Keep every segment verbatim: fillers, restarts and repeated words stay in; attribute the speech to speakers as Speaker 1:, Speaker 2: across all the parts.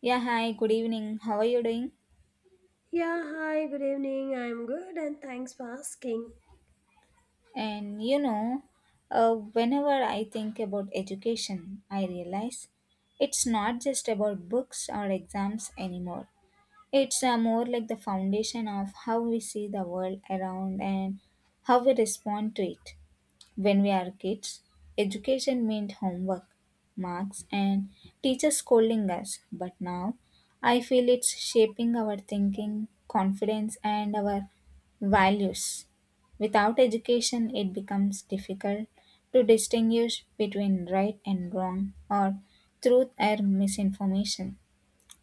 Speaker 1: Yeah, hi, good evening. How are you doing?
Speaker 2: Yeah, hi, good evening. I'm good and thanks for asking.
Speaker 1: And you know, uh, whenever I think about education, I realize it's not just about books or exams anymore. It's uh, more like the foundation of how we see the world around and how we respond to it. When we are kids, education meant homework, marks, and teachers scolding us. But now, I feel it's shaping our thinking, confidence, and our values. Without education, it becomes difficult to distinguish between right and wrong or truth and misinformation.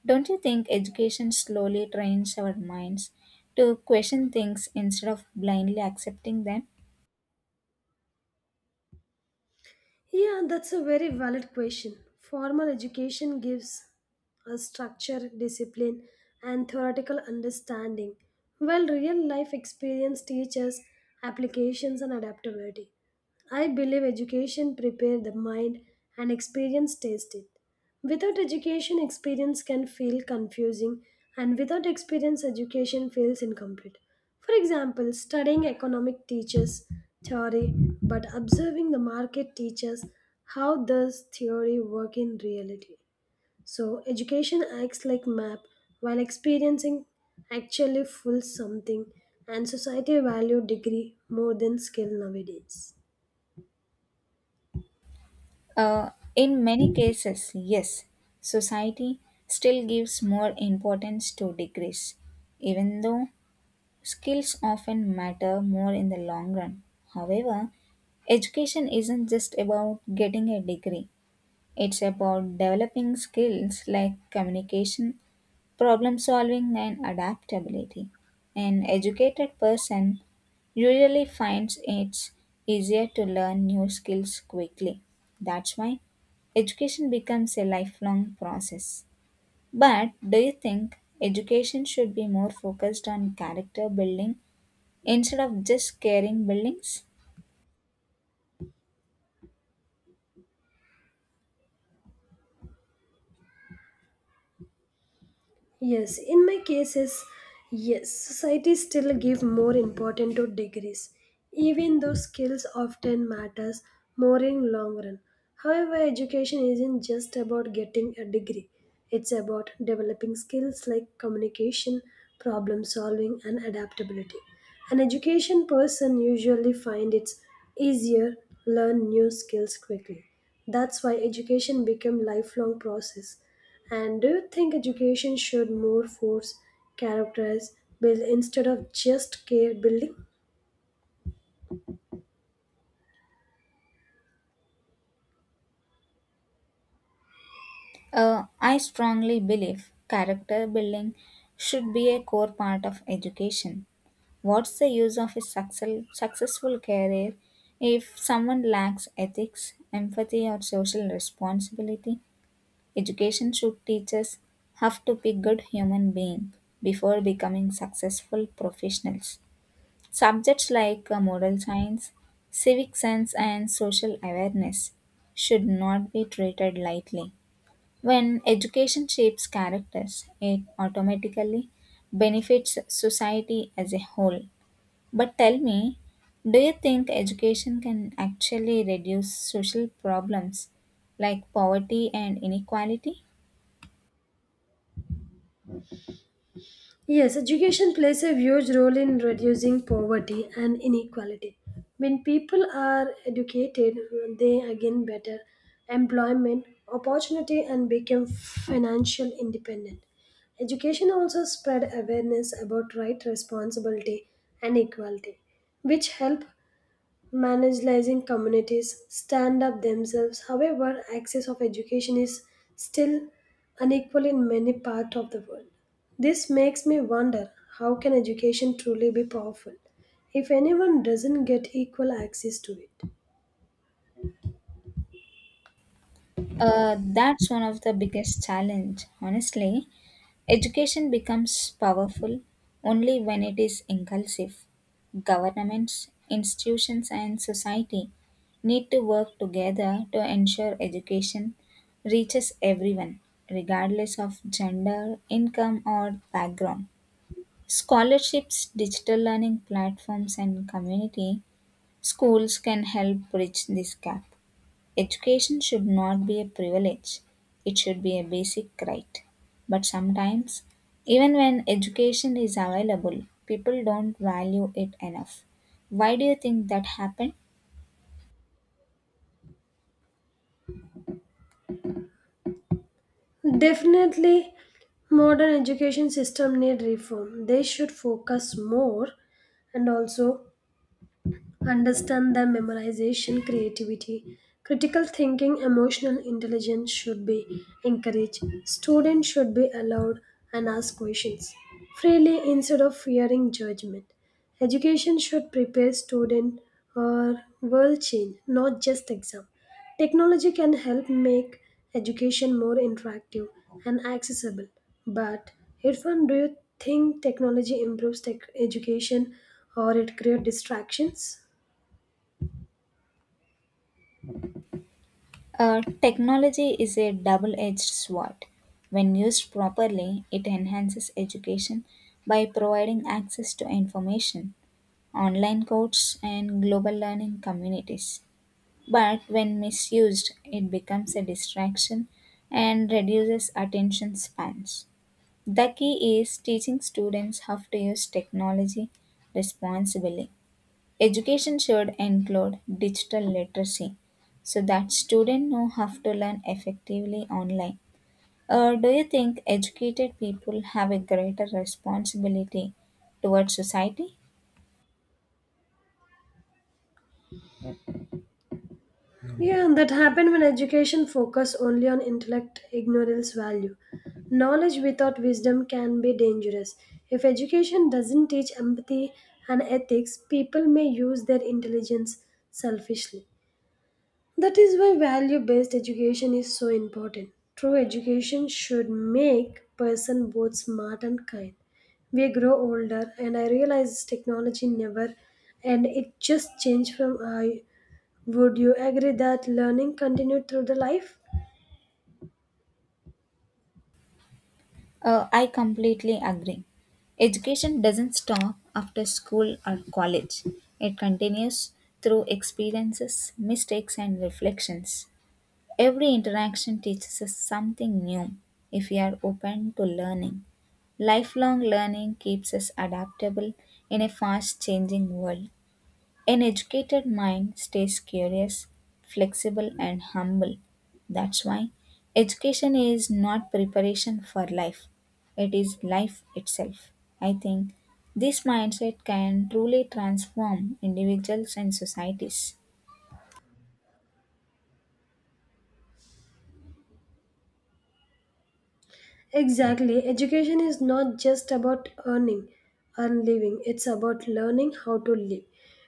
Speaker 1: Don't you think education slowly trains our minds to question things instead of blindly accepting them?
Speaker 2: Yeah, that's a very valid question. Formal education gives a structure, discipline, and theoretical understanding, while real life experience teaches applications and adaptability. I believe education prepares the mind and experience tastes it. Without education, experience can feel confusing, and without experience, education feels incomplete. For example, studying economic teaches theory, but observing the market teaches how does theory work in reality. So, education acts like map, while experiencing actually fulls something, and society value degree more than skill nowadays.
Speaker 1: Uh, in many cases, yes, society still gives more importance to degrees, even though skills often matter more in the long run. However, education isn't just about getting a degree, it's about developing skills like communication, problem solving and adaptability. An educated person usually finds it's easier to learn new skills quickly. That's why education becomes a lifelong process. But do you think education should be more focused on character building instead of just caring buildings?
Speaker 2: Yes, in my cases, yes, society still give more importance to degrees, even though skills often matters more in long run. However, education isn't just about getting a degree. It's about developing skills like communication, problem solving and adaptability. An education person usually find it's easier learn new skills quickly. That's why education become lifelong process and do you think education should more force characters build instead of just care building?
Speaker 1: Uh, I strongly believe character building should be a core part of education. What's the use of a success, successful career if someone lacks ethics, empathy, or social responsibility? Education should teach us how to be good human beings before becoming successful professionals. Subjects like uh, moral science, civic sense, and social awareness should not be treated lightly. When education shapes characters, it automatically benefits society as a whole. But tell me, do you think education can actually reduce social problems like poverty and inequality?
Speaker 2: Yes, education plays a huge role in reducing poverty and inequality. When people are educated, they again better employment opportunity and become financial independent. Education also spread awareness about right responsibility and equality, which help marginalizing communities stand up themselves. However, access of education is still unequal in many parts of the world. This makes me wonder how can education truly be powerful if anyone doesn't get equal access to it?
Speaker 1: Uh, that's one of the biggest challenge. Honestly, education becomes powerful only when it is inclusive. Governments, institutions, and society need to work together to ensure education reaches everyone, regardless of gender, income, or background. Scholarships, digital learning platforms, and community schools can help bridge this gap. Education should not be a privilege, it should be a basic right. But sometimes, even when education is available, people don't value it enough. Why do you think that happened?
Speaker 2: Definitely modern education system need reform. They should focus more and also understand that memorization, creativity, critical thinking, emotional intelligence should be encouraged. Students should be allowed and ask questions freely instead of fearing judgment. Education should prepare student for world change, not just exam. Technology can help make education more interactive and accessible. But Irfan, do you think technology improves tech education or it creates distractions?
Speaker 1: Uh, technology is a double edged sword. When used properly, it enhances education by providing access to information online courses, and global learning communities. But when misused, it becomes a distraction and reduces attention spans. The key is teaching students how to use technology responsibly. Education should include digital literacy so that students know how to learn effectively online. Or do you think educated people have a greater responsibility towards society?
Speaker 2: Yeah, and that happened when education focused only on intellect ignorance value. Knowledge without wisdom can be dangerous. If education doesn't teach empathy and ethics, people may use their intelligence selfishly. That is why value based education is so important. True education should make person both smart and kind. We grow older and I realize technology never and it just changed from I would you agree that learning continued through the life?
Speaker 1: Uh, I completely agree. Education doesn't stop after school or college, it continues through experiences, mistakes, and reflections. Every interaction teaches us something new if we are open to learning. Lifelong learning keeps us adaptable in a fast changing world. An educated mind stays curious, flexible, and humble. That's why education is not preparation for life, it is life itself. I think this mindset can truly transform individuals and societies.
Speaker 2: Exactly. Education is not just about earning and living, it's about learning how to live.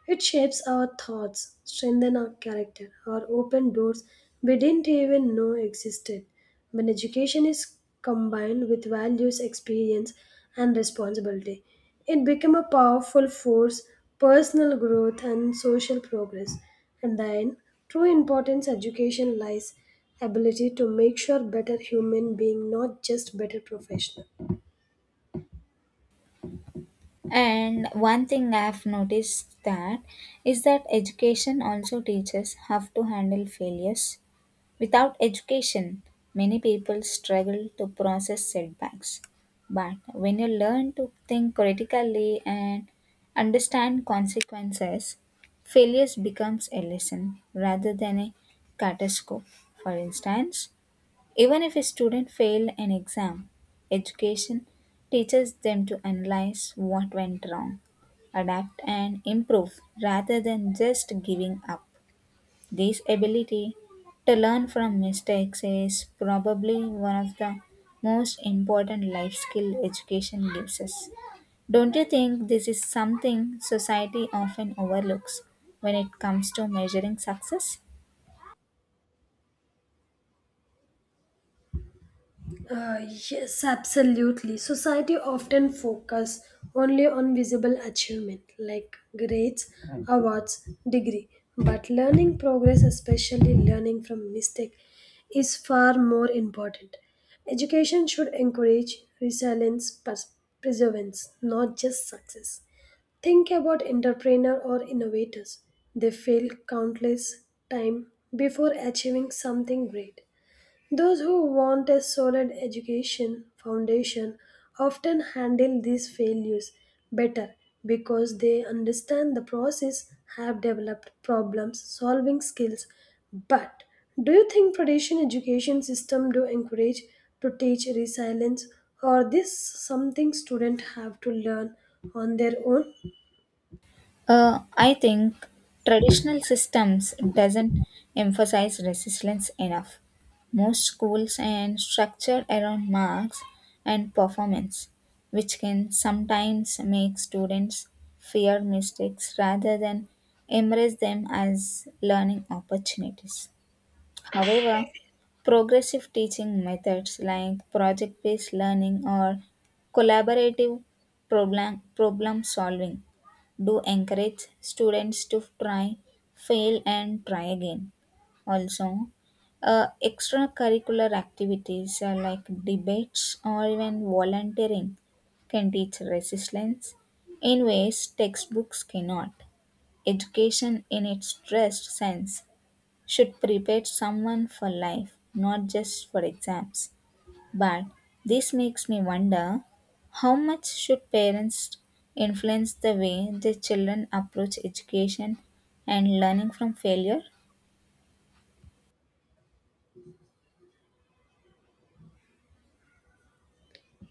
Speaker 2: It shapes our thoughts, strengthens our character, or open doors we didn't even know existed. When education is combined with values, experience, and responsibility, it becomes a powerful force, personal growth, and social progress. And then, true importance education lies ability to make sure better human being not just better professional.
Speaker 1: And one thing I have noticed that is that education also teaches how to handle failures. Without education, many people struggle to process setbacks. But when you learn to think critically and understand consequences, failures becomes a lesson rather than a catastrophe. For instance, even if a student failed an exam, education teaches them to analyze what went wrong, adapt and improve rather than just giving up. This ability to learn from mistakes is probably one of the most important life skill education gives us. Don't you think this is something society often overlooks when it comes to measuring success?
Speaker 2: uh, yes, absolutely, society often focus only on visible achievement like grades, awards, degree, but learning progress, especially learning from mistake, is far more important. Education should encourage resilience, pers- perseverance, not just success. Think about entrepreneur or innovators. They fail countless time before achieving something great. Those who want a solid education foundation often handle these failures better because they understand the process, have developed problem solving skills. But do you think traditional education system do encourage to teach resilience or this something students have to learn on their own?
Speaker 1: Uh, I think traditional systems doesn't emphasize resilience enough. Most schools and structure around marks and performance, which can sometimes make students fear mistakes rather than embrace them as learning opportunities. However, progressive teaching methods like project based learning or collaborative problem, problem solving do encourage students to try, fail, and try again. Also, uh, extracurricular activities uh, like debates or even volunteering can teach resilience in ways textbooks cannot. Education, in its stressed sense, should prepare someone for life, not just for exams. But this makes me wonder how much should parents influence the way their children approach education and learning from failure?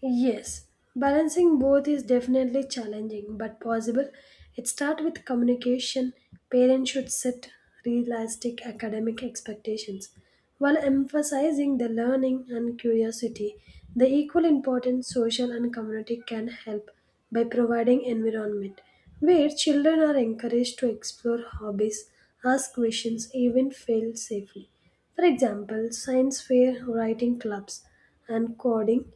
Speaker 2: Yes, balancing both is definitely challenging but possible. It starts with communication. Parents should set realistic academic expectations while emphasizing the learning and curiosity. The equal importance social and community can help by providing environment where children are encouraged to explore hobbies, ask questions, even fail safely. For example, science fair, writing clubs, and coding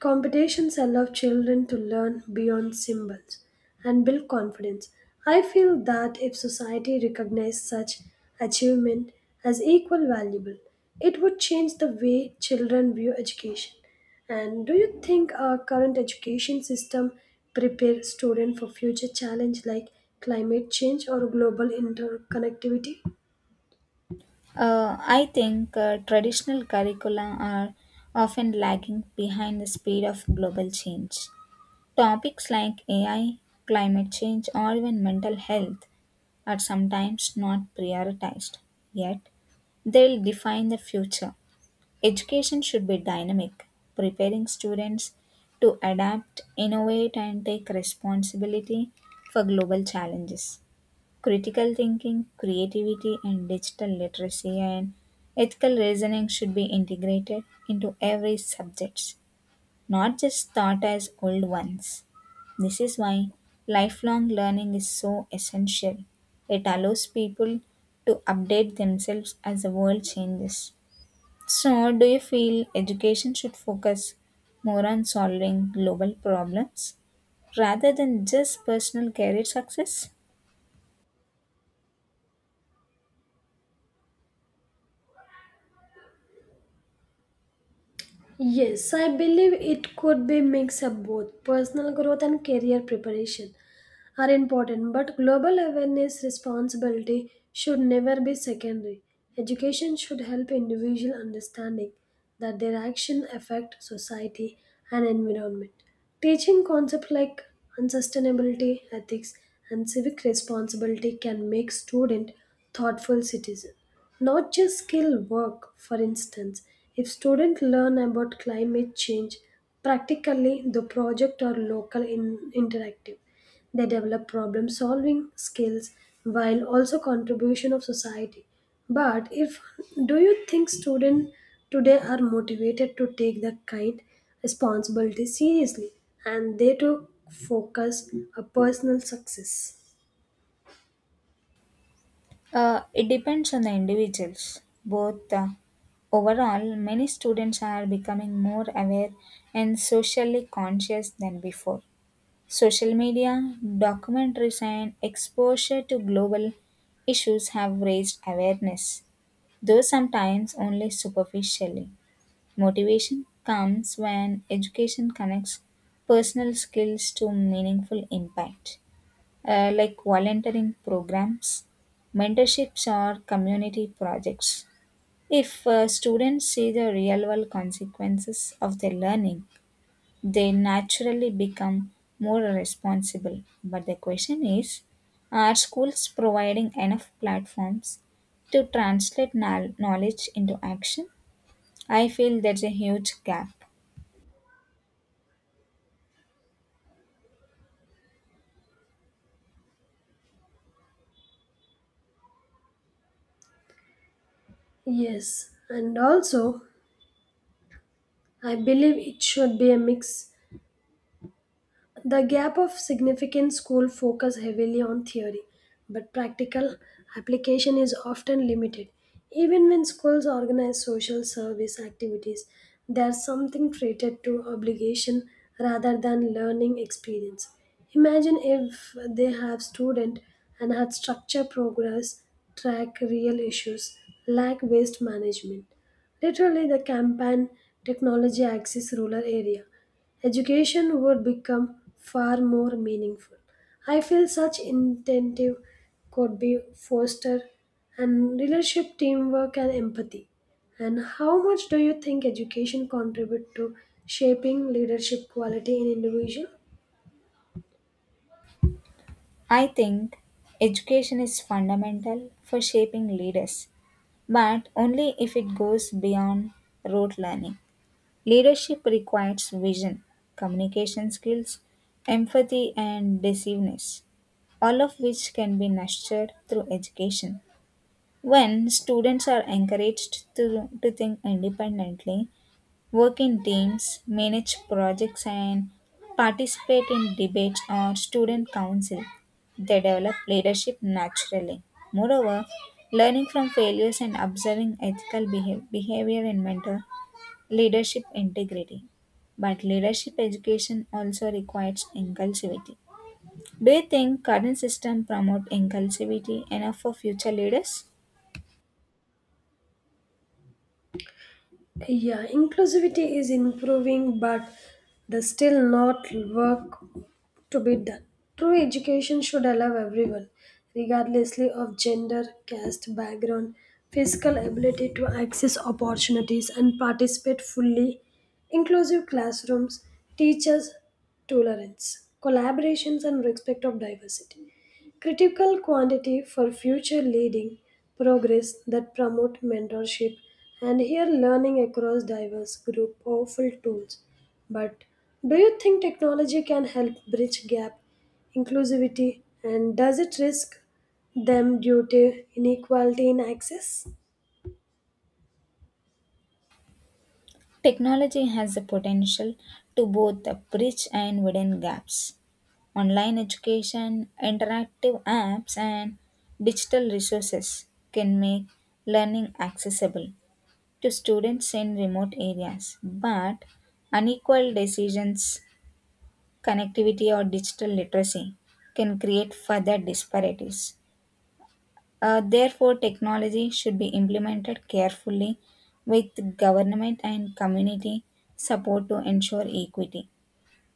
Speaker 2: competitions allow children to learn beyond symbols and build confidence. I feel that if society recognized such achievement as equal valuable, it would change the way children view education. And do you think our current education system prepare students for future challenge like climate change or global interconnectivity?
Speaker 1: Uh, I think uh, traditional curricula are often lagging behind the speed of global change. Topics like A I, climate change, or even mental health are sometimes not prioritized. Yet, they'll define the future. Education should be dynamic, preparing students to adapt, innovate, and take responsibility for global challenges. Critical thinking, creativity, and digital literacy and ethical reasoning should be integrated into every subject, not just taught as old ones. This is why lifelong learning is so essential. It allows people to update themselves as the world changes. So, do you feel education should focus more on solving global problems rather than just personal career success?
Speaker 2: Yes, I believe it could be mix of both personal growth and career preparation. Are important, but global awareness responsibility should never be secondary. Education should help individual understanding that their action affect society and environment. Teaching concepts like unsustainability, ethics, and civic responsibility can make student thoughtful citizen, not just skill work. For instance, if students learn about climate change practically the project or local in- interactive, they develop problem solving skills while also contribution of society. But if do you think students today are motivated to take that kind responsibility seriously and they to focus a personal success?
Speaker 1: Uh, it depends on the individuals. Both uh, overall, many students are becoming more aware and socially conscious than before. Social media, documentaries, and exposure to global issues have raised awareness, though sometimes only superficially. Motivation comes when education connects personal skills to meaningful impact, uh, like volunteering programs, mentorships, or community projects. If uh, students see the real world consequences of their learning, they naturally become more responsible. But the question is, are schools providing enough platforms to translate knowl- knowledge into action? I feel there's a huge gap.
Speaker 2: Yes, and also I believe it should be a mix. The gap of significant school focus heavily on theory, but practical application is often limited. Even when schools organize social service activities, there's something treated to obligation rather than learning experience. Imagine if they have student and had structure progress, track real issues, lack waste management. Literally the campaign technology access rural area education would become far more meaningful. I feel such incentive could be fostered and leadership teamwork and empathy. And how much do you think education contribute to shaping leadership quality in individual?
Speaker 1: I think education is fundamental for shaping leaders, but only if it goes beyond rote learning. Leadership requires vision, communication skills, empathy, and decisiveness, all of which can be nurtured through education. When students are encouraged to, to think independently, work in teams, manage projects, and participate in debates or student council. They develop leadership naturally. Moreover, learning from failures and observing ethical behav- behavior and mentor leadership integrity. But leadership education also requires inclusivity. Do you think current system promote inclusivity enough for future leaders?
Speaker 2: Yeah, inclusivity is improving, but there's still not work to be done. True education should allow everyone, regardlessly of gender, caste, background, physical ability to access opportunities and participate fully. Inclusive classrooms, teachers, tolerance, collaborations, and respect of diversity critical quantity for future leading progress that promote mentorship and here learning across diverse group powerful tools, but do you think technology can help bridge gap inclusivity and does it risk them due to inequality in access?
Speaker 1: Technology has the potential to both bridge and widen gaps. Online education, interactive apps, and digital resources can make learning accessible to students in remote areas. But unequal decisions, connectivity, or digital literacy can create further disparities. Uh, therefore, technology should be implemented carefully with government and community support to ensure equity.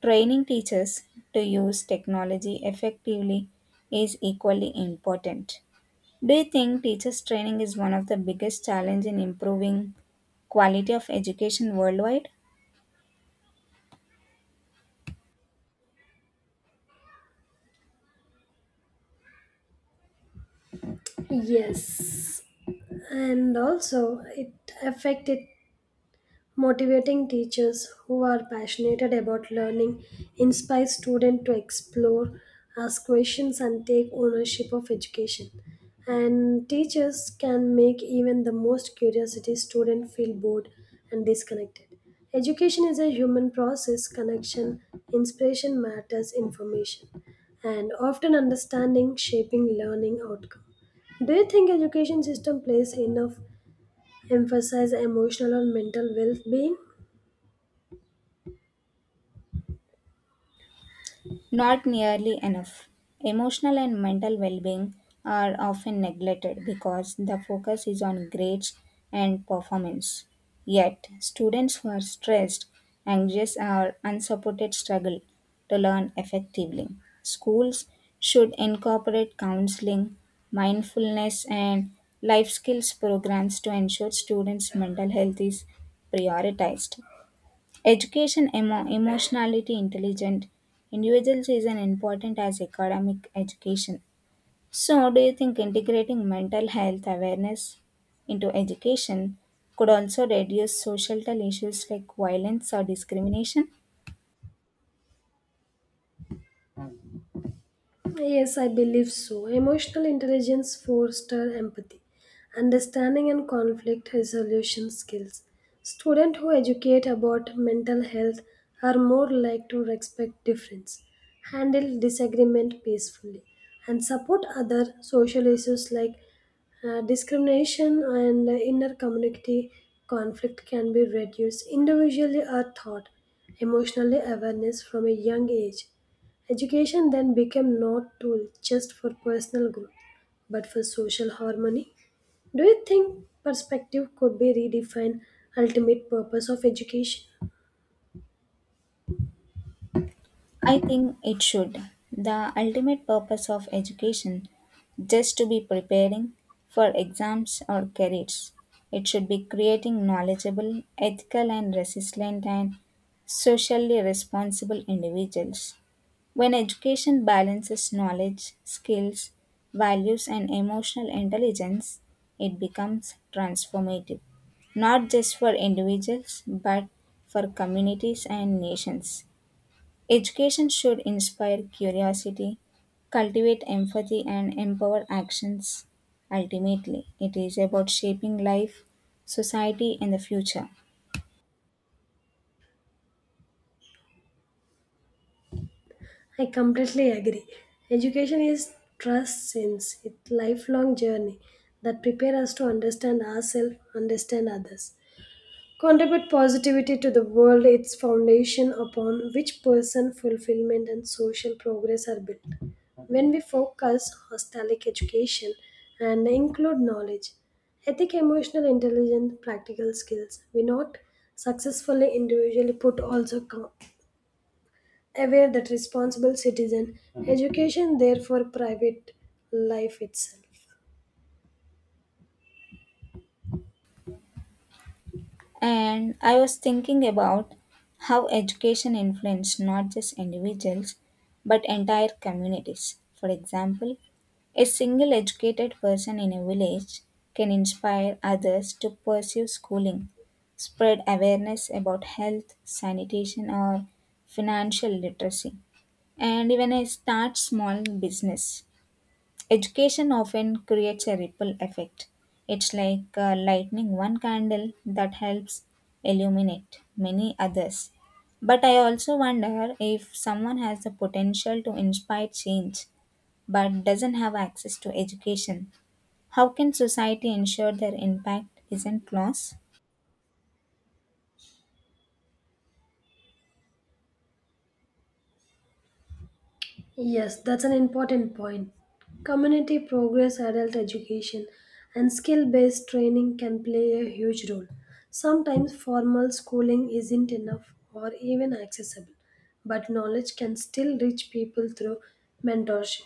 Speaker 1: Training teachers to use technology effectively is equally important. Do you think teachers' training is one of the biggest challenges in improving quality of education worldwide?
Speaker 2: Yes, and also it affected. Motivating teachers who are passionate about learning inspire students to explore, ask questions, and take ownership of education. And teachers can make even the most curiosity student feel bored and disconnected. Education is a human process, connection, inspiration matters, information, and often understanding shaping learning outcome. Do you think education system plays enough emphasis on emotional or mental well-being?
Speaker 1: Not nearly enough. Emotional and mental well being are often neglected because the focus is on grades and performance. Yet, students who are stressed, anxious, or unsupported struggle to learn effectively. Schools should incorporate counseling, mindfulness, and life skills programs to ensure students' mental health is prioritized. Education emo- emotionality intelligent individuals is an important as academic education. So, do you think integrating mental health awareness into education could also reduce societal issues like violence or discrimination?
Speaker 2: Yes, I believe so. Emotional intelligence fosters empathy, understanding and conflict resolution skills. Students who educate about mental health are more likely to respect difference, handle disagreement peacefully, and support other social issues like uh, discrimination and inner community conflict can be reduced individually or thought emotionally awareness from a young age. Education then became not tool just for personal growth, but for social harmony. Do you think perspective could be redefined ultimate purpose of education?
Speaker 1: I think it should. The ultimate purpose of education just to be preparing for exams or careers. It should be creating knowledgeable, ethical and resilient and socially responsible individuals. When education balances knowledge, skills, values and emotional intelligence, it becomes transformative, not just for individuals but for communities and nations. Education should inspire curiosity, cultivate empathy, and empower actions. Ultimately, it is about shaping life, society, and the future.
Speaker 2: I completely agree. Education is trust since it's lifelong journey that prepare us to understand ourselves, understand others. Contribute positivity to the world, its foundation upon which person fulfillment and social progress are built. When we focus holistic education and include knowledge, ethic, emotional intelligence, practical skills, we not successfully individually put also come aware that responsible citizen education therefore private life itself.
Speaker 1: And I was thinking about how education influences not just individuals but entire communities. For example, a single educated person in a village can inspire others to pursue schooling, spread awareness about health, sanitation, or financial literacy, and even a start small business. Education often creates a ripple effect. It's like uh, lighting one candle that helps illuminate many others. But I also wonder if someone has the potential to inspire change but doesn't have access to education. How can society ensure their impact isn't lost?
Speaker 2: Yes, that's an important point. Community progress, adult education, and skill based training can play a huge role. Sometimes formal schooling isn't enough or even accessible, but knowledge can still reach people through mentorship.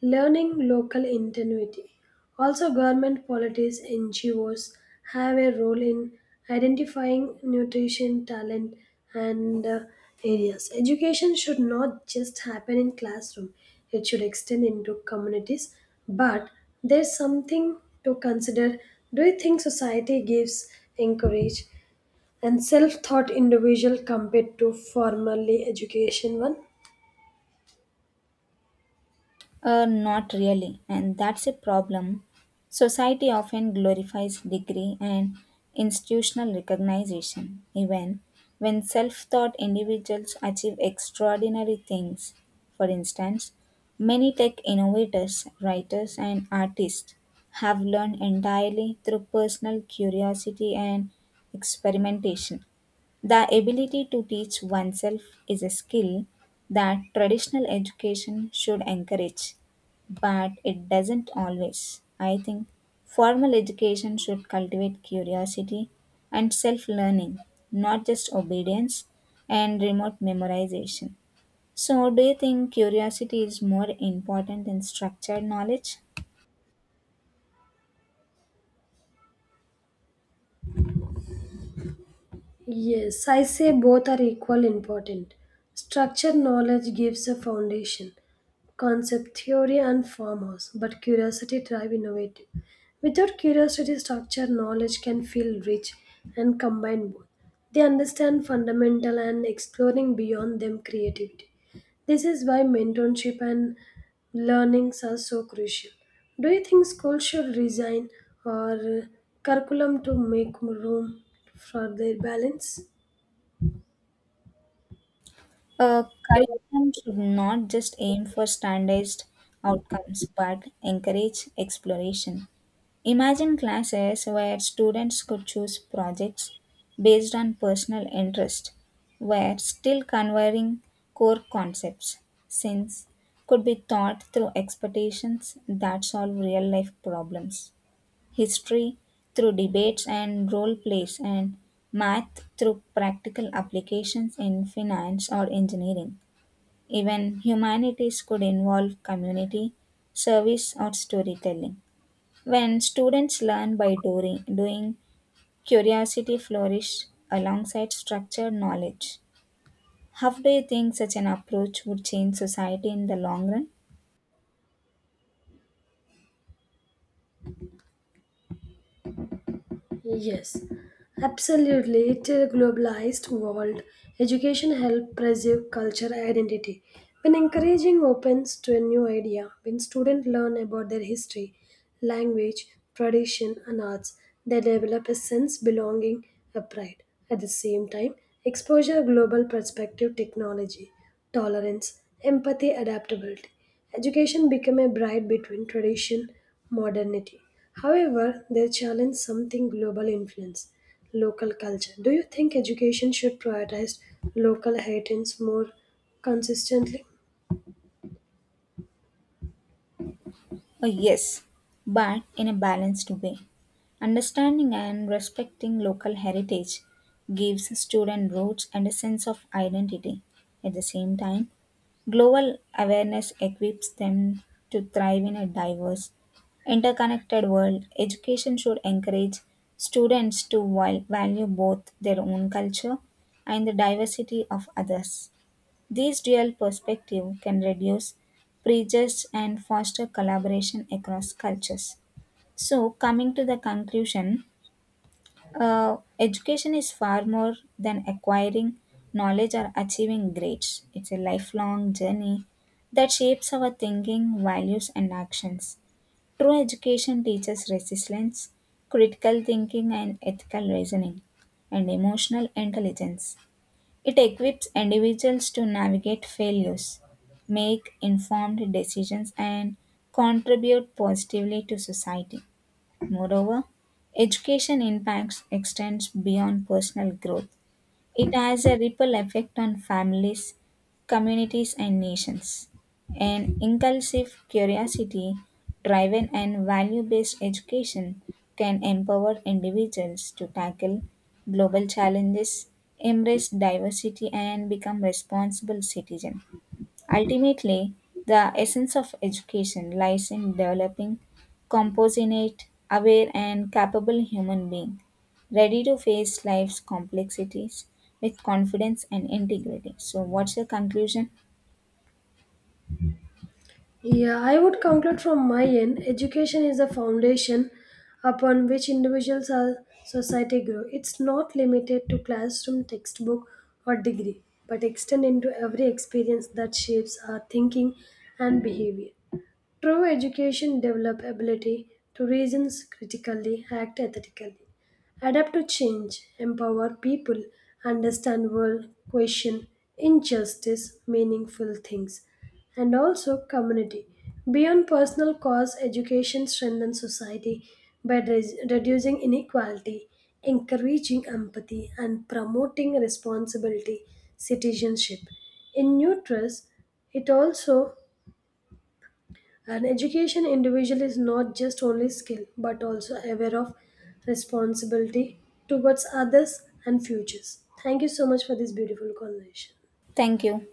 Speaker 2: Learning local ingenuity. Also, government, policies politics, N G Os have a role in identifying nutrition talent and uh, areas. Education should not just happen in classroom; it should extend into communities. But there's something to consider. Do you think society gives encourage and self-taught individual compared to formally education one?
Speaker 1: Uh, not really, and that's a problem. Society often glorifies degree and institutional recognition, even when self taught individuals achieve extraordinary things. For instance, many tech innovators, writers, and artists have learned entirely through personal curiosity and experimentation. The ability to teach oneself is a skill that traditional education should encourage, but it doesn't always. I think formal education should cultivate curiosity and self learning, not just obedience and remote memorization. So, do you think curiosity is more important than structured knowledge?
Speaker 2: Yes, I say both are equal important. Structured knowledge gives a foundation, concept theory and farmhouse, but curiosity drive innovative. Without curiosity, structured knowledge can feel rich and combine both. They understand fundamental and exploring beyond them creativity. This is why mentorship and learnings are so crucial. Do you think schools should resign or curriculum to make room for their balance?
Speaker 1: A curriculum should not just aim for standardized outcomes but encourage exploration. Imagine classes where students could choose projects based on personal interest, where still conveying core concepts, since could be taught through expectations that solve real life problems, history through debates and role plays, and math through practical applications in finance or engineering. Even humanities could involve community, service, or storytelling. When students learn by doing, doing curiosity flourishes alongside structured knowledge. How do you think such an approach would change society in the long run?
Speaker 2: Yes, absolutely. It's a globalized world. Education helps preserve cultural identity. When encouraging opens to a new idea, when students learn about their history, language, tradition, and arts, they develop a sense belonging a pride. At the same time, exposure global perspective technology, tolerance, empathy, adaptability. Education became a bride between tradition modernity. However, they challenge something global influence, local culture. Do you think education should prioritize local heritage more consistently?
Speaker 1: Oh, yes, but in a balanced way. Understanding and respecting local heritage gives students roots and a sense of identity. At the same time, global awareness equips them to thrive in a diverse, interconnected world. Education should encourage students to val- value both their own culture and the diversity of others. This dual perspective can reduce prejudice and foster collaboration across cultures. So, coming to the conclusion, uh, education is far more than acquiring knowledge or achieving grades. It's a lifelong journey that shapes our thinking, values, and actions. True education teaches resilience, critical thinking, and ethical reasoning, and emotional intelligence. It equips individuals to navigate failures, make informed decisions, and contribute positively to society. Moreover, education impacts extends beyond personal growth. It has a ripple effect on families, communities, and nations. An inclusive curiosity driven and value based education can empower individuals to tackle global challenges, embrace diversity, and become responsible citizens. Ultimately, the essence of education lies in developing compassionate, aware, and capable human beings, ready to face life's complexities with confidence and integrity. So, what's your conclusion?
Speaker 2: Yeah, I would conclude from my end education is the foundation upon which individuals or society grow. It's not limited to classroom, textbook, or degree, but extend into every experience that shapes our thinking and behavior. True education develops ability to reason critically, act ethically, adapt to change, empower people, understand world, question injustice, meaningful things, and also community. Beyond personal cause, education strengthens society by res- reducing inequality, encouraging empathy, and promoting responsibility citizenship. In nutrients, it also an education individual is not just only skill, but also aware of responsibility towards others and futures. Thank you so much for this beautiful conversation.
Speaker 1: Thank you.